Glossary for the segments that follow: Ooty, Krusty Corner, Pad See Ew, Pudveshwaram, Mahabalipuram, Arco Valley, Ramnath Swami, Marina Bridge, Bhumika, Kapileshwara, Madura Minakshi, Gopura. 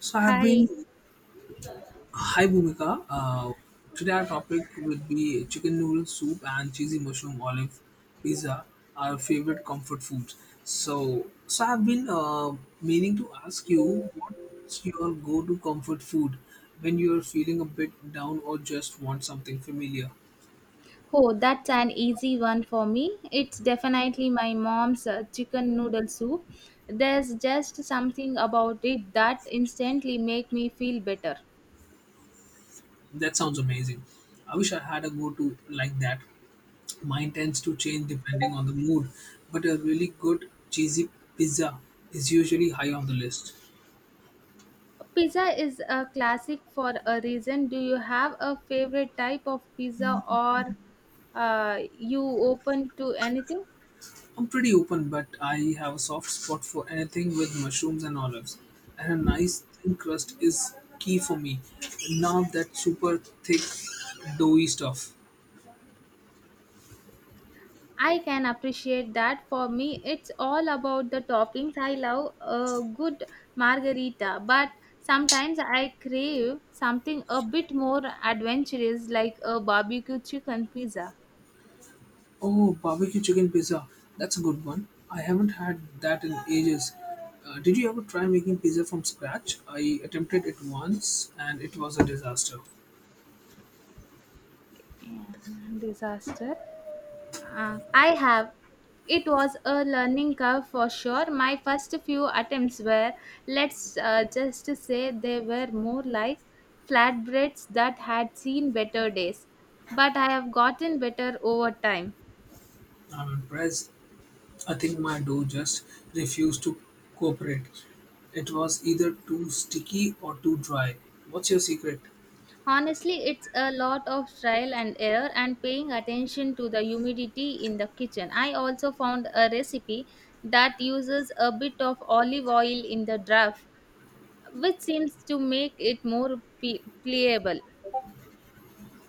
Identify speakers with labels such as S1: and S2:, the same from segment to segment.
S1: So I've
S2: Hi.
S1: been hi Bhumika. Today our topic will be chicken noodle soup and cheesy mushroom olive pizza, our favorite comfort foods. So I've been meaning to ask you what's your go-to comfort food when you're feeling a bit down or just want something familiar.
S2: Oh, that's an easy one for me. It's definitely my mom's chicken noodle soup. There's just something about it that instantly make me feel better.
S1: That sounds amazing. I wish I had a go to like that. Mine tends to change depending on the mood, but a really good cheesy pizza is usually high on the list.
S2: Pizza is a classic for a reason. Do you have a favorite type of pizza or you open to anything?
S1: I'm pretty open, but I have a soft spot for anything with mushrooms and olives, and a nice thin crust is key for me. None of that super thick, doughy stuff.
S2: I can appreciate that. For me, it's all about the toppings. I love a good margarita, but sometimes I crave something a bit more adventurous like a barbecue chicken pizza.
S1: Oh, barbecue chicken pizza. That's a good one. I haven't had that in ages. Did you ever try making pizza from scratch? I attempted it once and it was a disaster.
S2: Yeah, disaster. I have. It was a learning curve for sure. My first few attempts were, let's just say they were more like flatbreads that had seen better days. But I have gotten better over time.
S1: I'm impressed. I think my dough just refused to cooperate. It was either too sticky or too dry. What's your secret?
S2: Honestly, it's a lot of trial and error and paying attention to the humidity in the kitchen. I also found a recipe that uses a bit of olive oil in the draft, which seems to make it more pliable.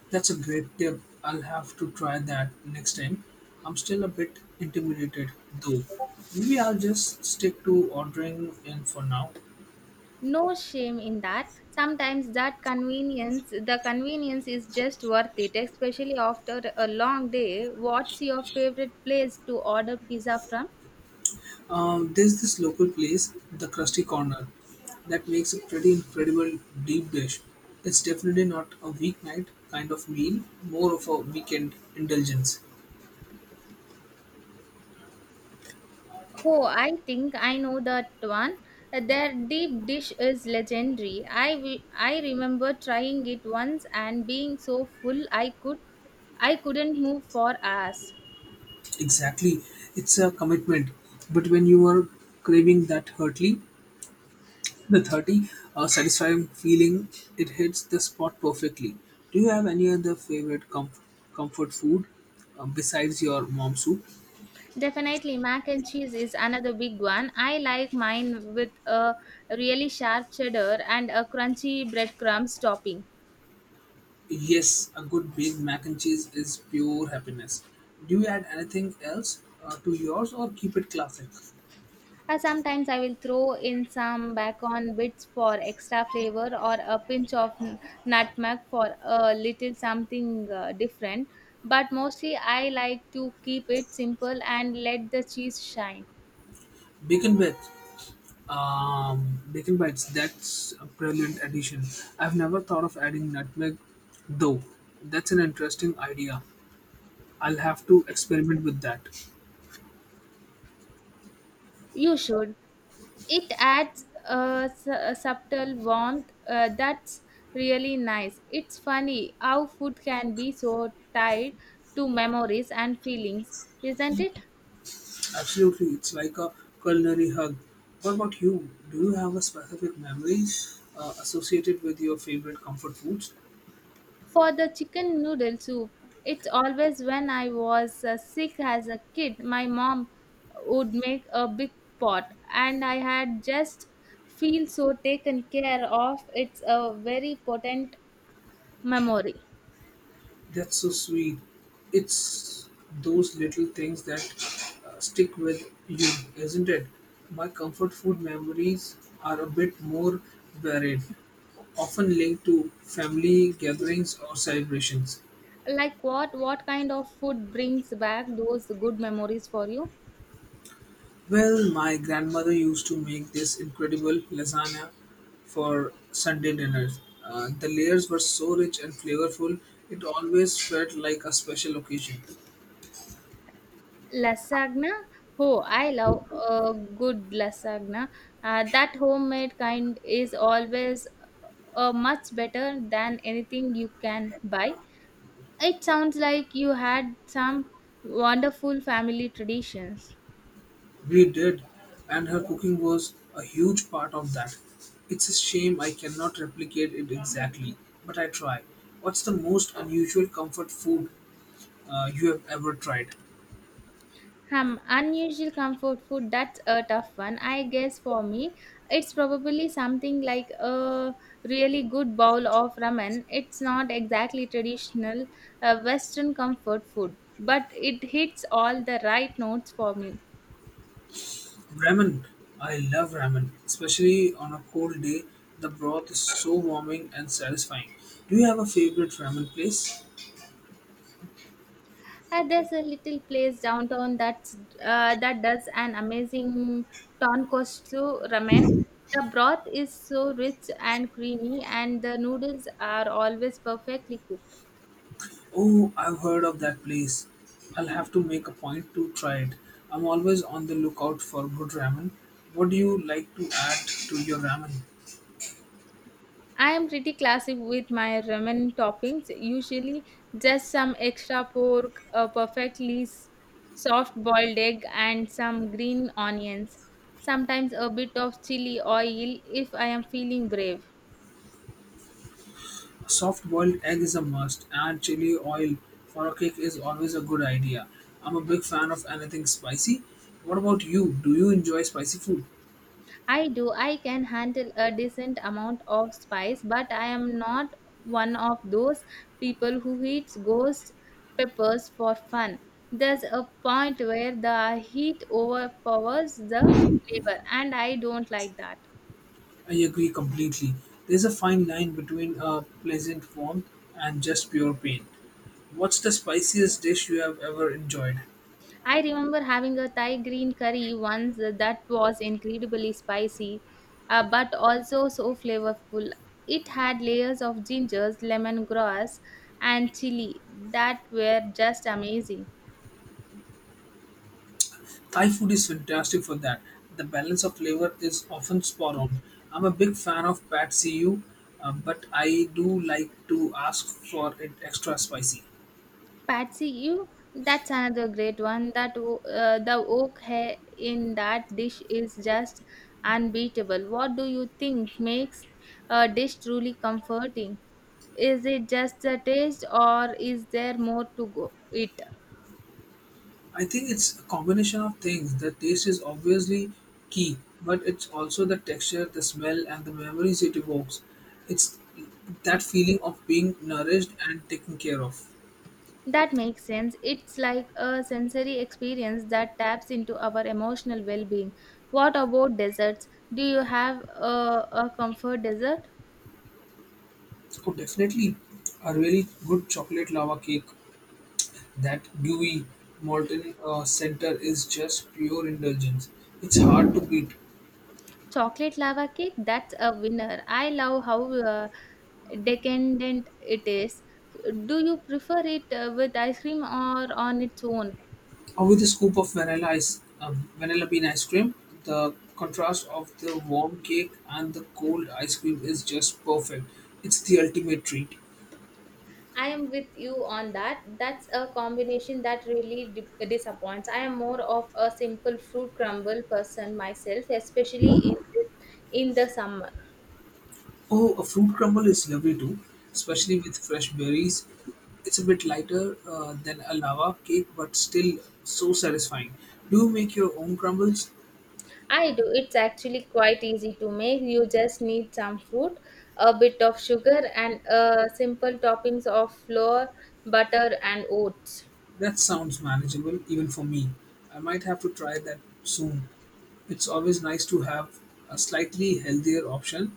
S1: That's a great tip. I'll have to try that next time. I'm still a bit intimidated though. Maybe I'll just stick to ordering in for now.
S2: No shame in that. Sometimes that convenience the convenience is just worth it, especially after a long day. What's your favorite place to order pizza from?
S1: There's this local place, the Krusty Corner, that makes a pretty incredible deep dish. It's definitely not a weeknight kind of meal, more of a weekend indulgence.
S2: Oh, I think I know that one. Their deep dish is legendary. I remember trying it once and being so full I couldn't move for hours.
S1: Exactly, it's a commitment. But when you are craving that hurtly, the 30 satisfying feeling, it hits the spot perfectly. Do you have any other favorite comfort food besides your mom soup?
S2: Definitely, mac and cheese is another big one. I like mine with a really sharp cheddar and a crunchy breadcrumbs topping.
S1: Yes, a good baked mac and cheese is pure happiness. Do you add anything else to yours or keep it classic?
S2: Sometimes I will throw in some bacon bits for extra flavor or a pinch of nutmeg for a little something different. But mostly I like to keep it simple and let the cheese shine.
S1: Bacon bites. Bacon bites, that's a brilliant addition. I've never thought of adding nutmeg though. That's an interesting idea. I'll have to experiment with that.
S2: You should. It adds a subtle warmth that's really nice. It's funny how food can be so tied to memories and feelings, isn't it?
S1: Absolutely, it's like a culinary hug. What about you? Do you have a specific memories associated with your favorite comfort foods?
S2: For the chicken noodle soup, it's always when I was sick as a kid, my mom would make a big pot, and I had just feel so taken care of. It's a very potent memory.
S1: That's so sweet. It's those little things that stick with you, isn't it? My comfort food memories are a bit more varied, often linked to family gatherings or celebrations.
S2: Like what? What kind of food brings back those good memories for you?
S1: Well, my grandmother used to make this incredible lasagna for Sunday dinners. The layers were so rich and flavorful, it always felt like a special occasion.
S2: Lasagna. Oh, I love a good lasagna. That homemade kind is always much better than anything you can buy. It sounds like you had some wonderful family traditions.
S1: We did, and her cooking was a huge part of that. It's a shame I cannot replicate it exactly, but I try. What's the most unusual comfort food you have ever tried?
S2: Unusual comfort food, that's a tough one. I guess for me, it's probably something like a really good bowl of ramen. It's not exactly traditional Western comfort food, but it hits all the right notes for me.
S1: Ramen. I love ramen, especially on a cold day. The broth is so warming and satisfying. Do you have a favorite ramen place?
S2: And there's a little place downtown that's, that does an amazing tonkotsu ramen. The broth is so rich and creamy, and the noodles are always perfectly cooked.
S1: Oh, I've heard of that place. I'll have to make a point to try it. I'm always on the lookout for good ramen. What do you like to add to your ramen?
S2: I am pretty classic with my ramen toppings, usually just some extra pork, a perfectly soft boiled egg, and some green onions. Sometimes a bit of chili oil if I am feeling brave.
S1: A soft boiled egg is a must, and chili oil for a cake is always a good idea. I'm a big fan of anything spicy. What about you? Do you enjoy spicy food?
S2: I do. I can handle a decent amount of spice, but I am not one of those people who eats ghost peppers for fun. There's a point where the heat overpowers the flavor, and I don't like that.
S1: I agree completely. There's a fine line between a pleasant warmth and just pure pain. What's the spiciest dish you have ever enjoyed?
S2: I remember having a Thai green curry once that was incredibly spicy, but also so flavorful. It had layers of gingers, lemongrass, and chili that were just amazing.
S1: Thai food is fantastic for that. The balance of flavor is often spot on. I'm a big fan of Pad See Ew, but I do like to ask for it extra spicy.
S2: Patsy, you, that's another great one. The oak hair in that dish is just unbeatable. What do you think makes a dish truly comforting? Is it just the taste, or is there more to go it?
S1: I think it's a combination of things. The taste is obviously key, but it's also the texture, the smell, and the memories it evokes. It's that feeling of being nourished and taken care of.
S2: That makes sense. It's like a sensory experience that taps into our emotional well-being. What about desserts? Do you have a comfort dessert?
S1: Oh, definitely a really good chocolate lava cake. That gooey molten center is just pure indulgence. It's hard to beat.
S2: Chocolate lava cake, that's a winner. I love how decadent it is. Do you prefer it with ice cream or on its own?
S1: Or with a scoop of vanilla bean ice cream, the contrast of the warm cake and the cold ice cream is just perfect. It's the ultimate treat.
S2: I am with you on that. That's a combination that really disappoints. I am more of a simple fruit crumble person myself, especially in the summer.
S1: Oh, a fruit crumble is lovely too, especially with fresh berries. It's a bit lighter than a lava cake, but still so satisfying. Do you make your own crumbles?
S2: I do. It's actually quite easy to make. You just need some fruit, a bit of sugar, and simple toppings of flour, butter, and oats.
S1: That sounds manageable even for me. I might have to try that soon. It's always nice to have a slightly healthier option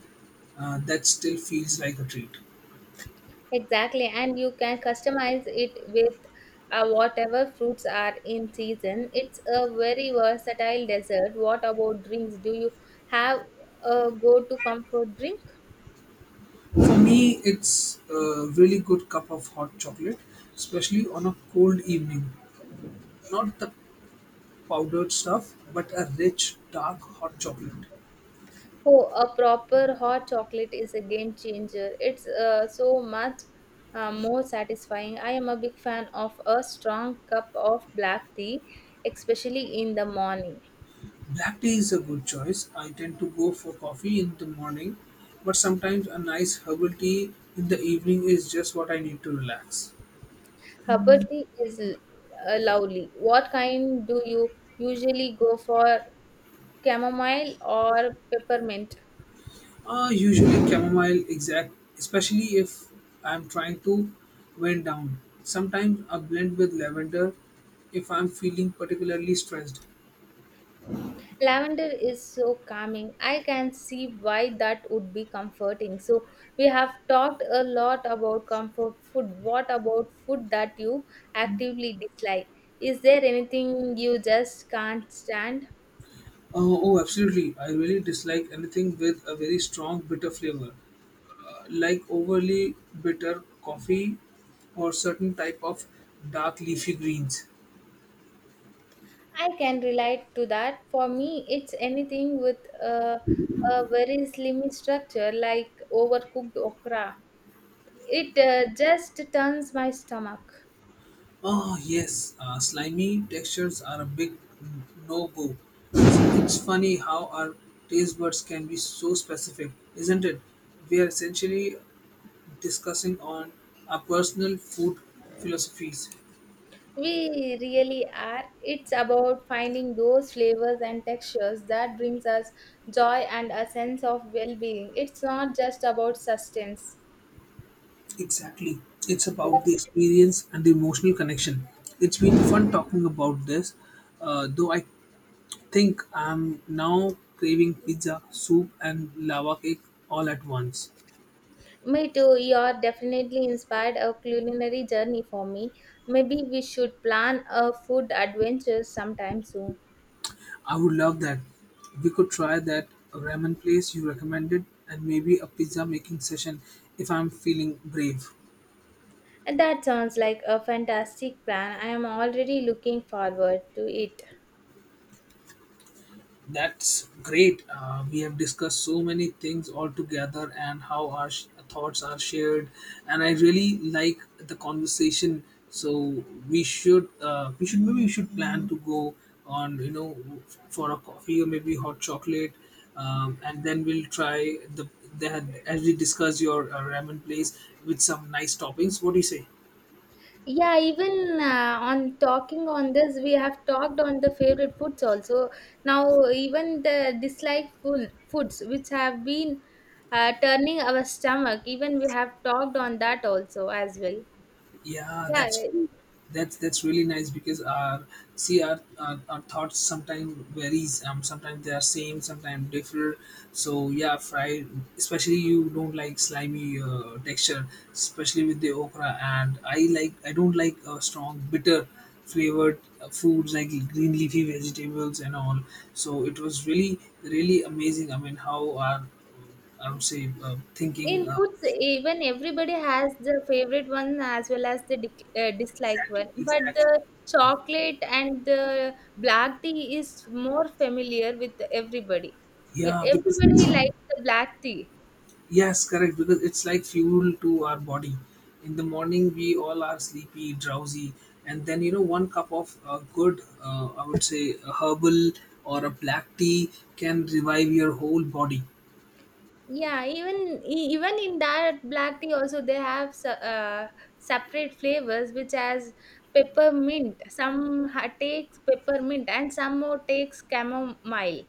S1: that still feels like a treat.
S2: Exactly, and you can customize it with whatever fruits are in season. It's a very versatile dessert. What about drinks? Do you have a go to comfort drink?
S1: For me, it's a really good cup of hot chocolate, especially on a cold evening. Not the powdered stuff, but a rich, dark hot chocolate.
S2: Oh, a proper hot chocolate is a game changer. It's so much more satisfying. I am a big fan of a strong cup of black tea, especially in the morning.
S1: Black tea is a good choice. I tend to go for coffee in the morning, but sometimes a nice herbal tea in the evening is just what I need to relax.
S2: Herbal tea is lovely. What kind do you usually go for? Chamomile or peppermint?
S1: Usually chamomile exact, especially if I'm trying to wind down. Sometimes a blend with lavender if I'm feeling particularly stressed.
S2: Lavender is so calming. I can see why that would be comforting. So, we have talked a lot about comfort food. What about food that you actively dislike? Is there anything you just can't stand?
S1: Oh, absolutely. I really dislike anything with a very strong bitter flavor, like overly bitter coffee or certain type of dark leafy greens.
S2: I can relate to that. For me, it's anything with a very slimy structure like overcooked okra. It just turns my stomach.
S1: Oh, yes, slimy textures are a big no go. It's funny how our taste buds can be so specific, isn't it? We are essentially discussing on our personal food philosophies.
S2: We really are. It's about finding those flavors and textures that brings us joy and a sense of well-being. It's not just about sustenance.
S1: Exactly. It's about the experience and the emotional connection. It's been fun talking about this, though I think I'm now craving pizza, soup, and lava cake all at once.
S2: Me too. You are definitely inspired a culinary journey for me. Maybe we should plan a food adventure sometime soon.
S1: I would love that. We could try that ramen place you recommended and maybe a pizza making session if I'm feeling brave.
S2: And that sounds like a fantastic plan. I am already looking forward to it.
S1: That's great. We have discussed so many things all together and how our thoughts are shared. And I really like the conversation. So we should plan to go on, you know, for a coffee or maybe hot chocolate, and then we'll try the as we discuss your ramen place with some nice toppings. What do you say?
S2: Yeah, even on talking on this, we have talked on the favorite foods also. Now, even the foods which have been turning our stomach, even we have talked on that also as well.
S1: Yeah,
S2: Yeah,
S1: that's great. That's really nice because our our thoughts sometimes varies. Sometimes they are same, sometimes different. So yeah, fried especially you don't like slimy texture, especially with the okra. And I don't like strong bitter flavored foods like green leafy vegetables and all. So it was really really amazing. I mean, how our I would say
S2: in
S1: thinking
S2: foods, even everybody has the favorite one as well as the dic dislike
S1: exactly
S2: one. But
S1: exactly.
S2: the chocolate and the black tea is more familiar with everybody. Yeah,
S1: Yeah, because
S2: everybody likes the black tea.
S1: yes, correct. Because it's like fuel to our body. In the morning, we all are sleepy, drowsy, and then you know, one cup of good, I would say, a herbal or a black tea can revive your whole body.
S2: Yeah, even in that black tea also they have separate flavors which has peppermint. Some takes peppermint and some more takes chamomile.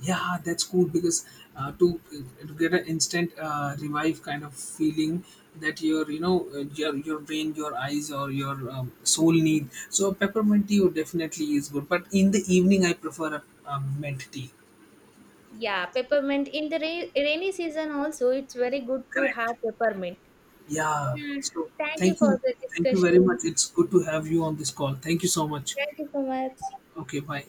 S1: Yeah, that's cool because uh, to to get an instant revive kind of feeling that you know your brain, your eyes, or your soul need. So peppermint tea would definitely is good, but in the evening, I prefer a mint tea.
S2: Yeah, peppermint in the rainy season also, it's very good to
S1: Correct.
S2: have peppermint.
S1: Yeah.
S2: Yeah,
S1: So
S2: thank you
S1: thank you.
S2: for the
S1: Thank you very
S2: discussion.
S1: much. It's good to have you on this call. Thank you so much.
S2: Thank you so much.
S1: Okay, bye.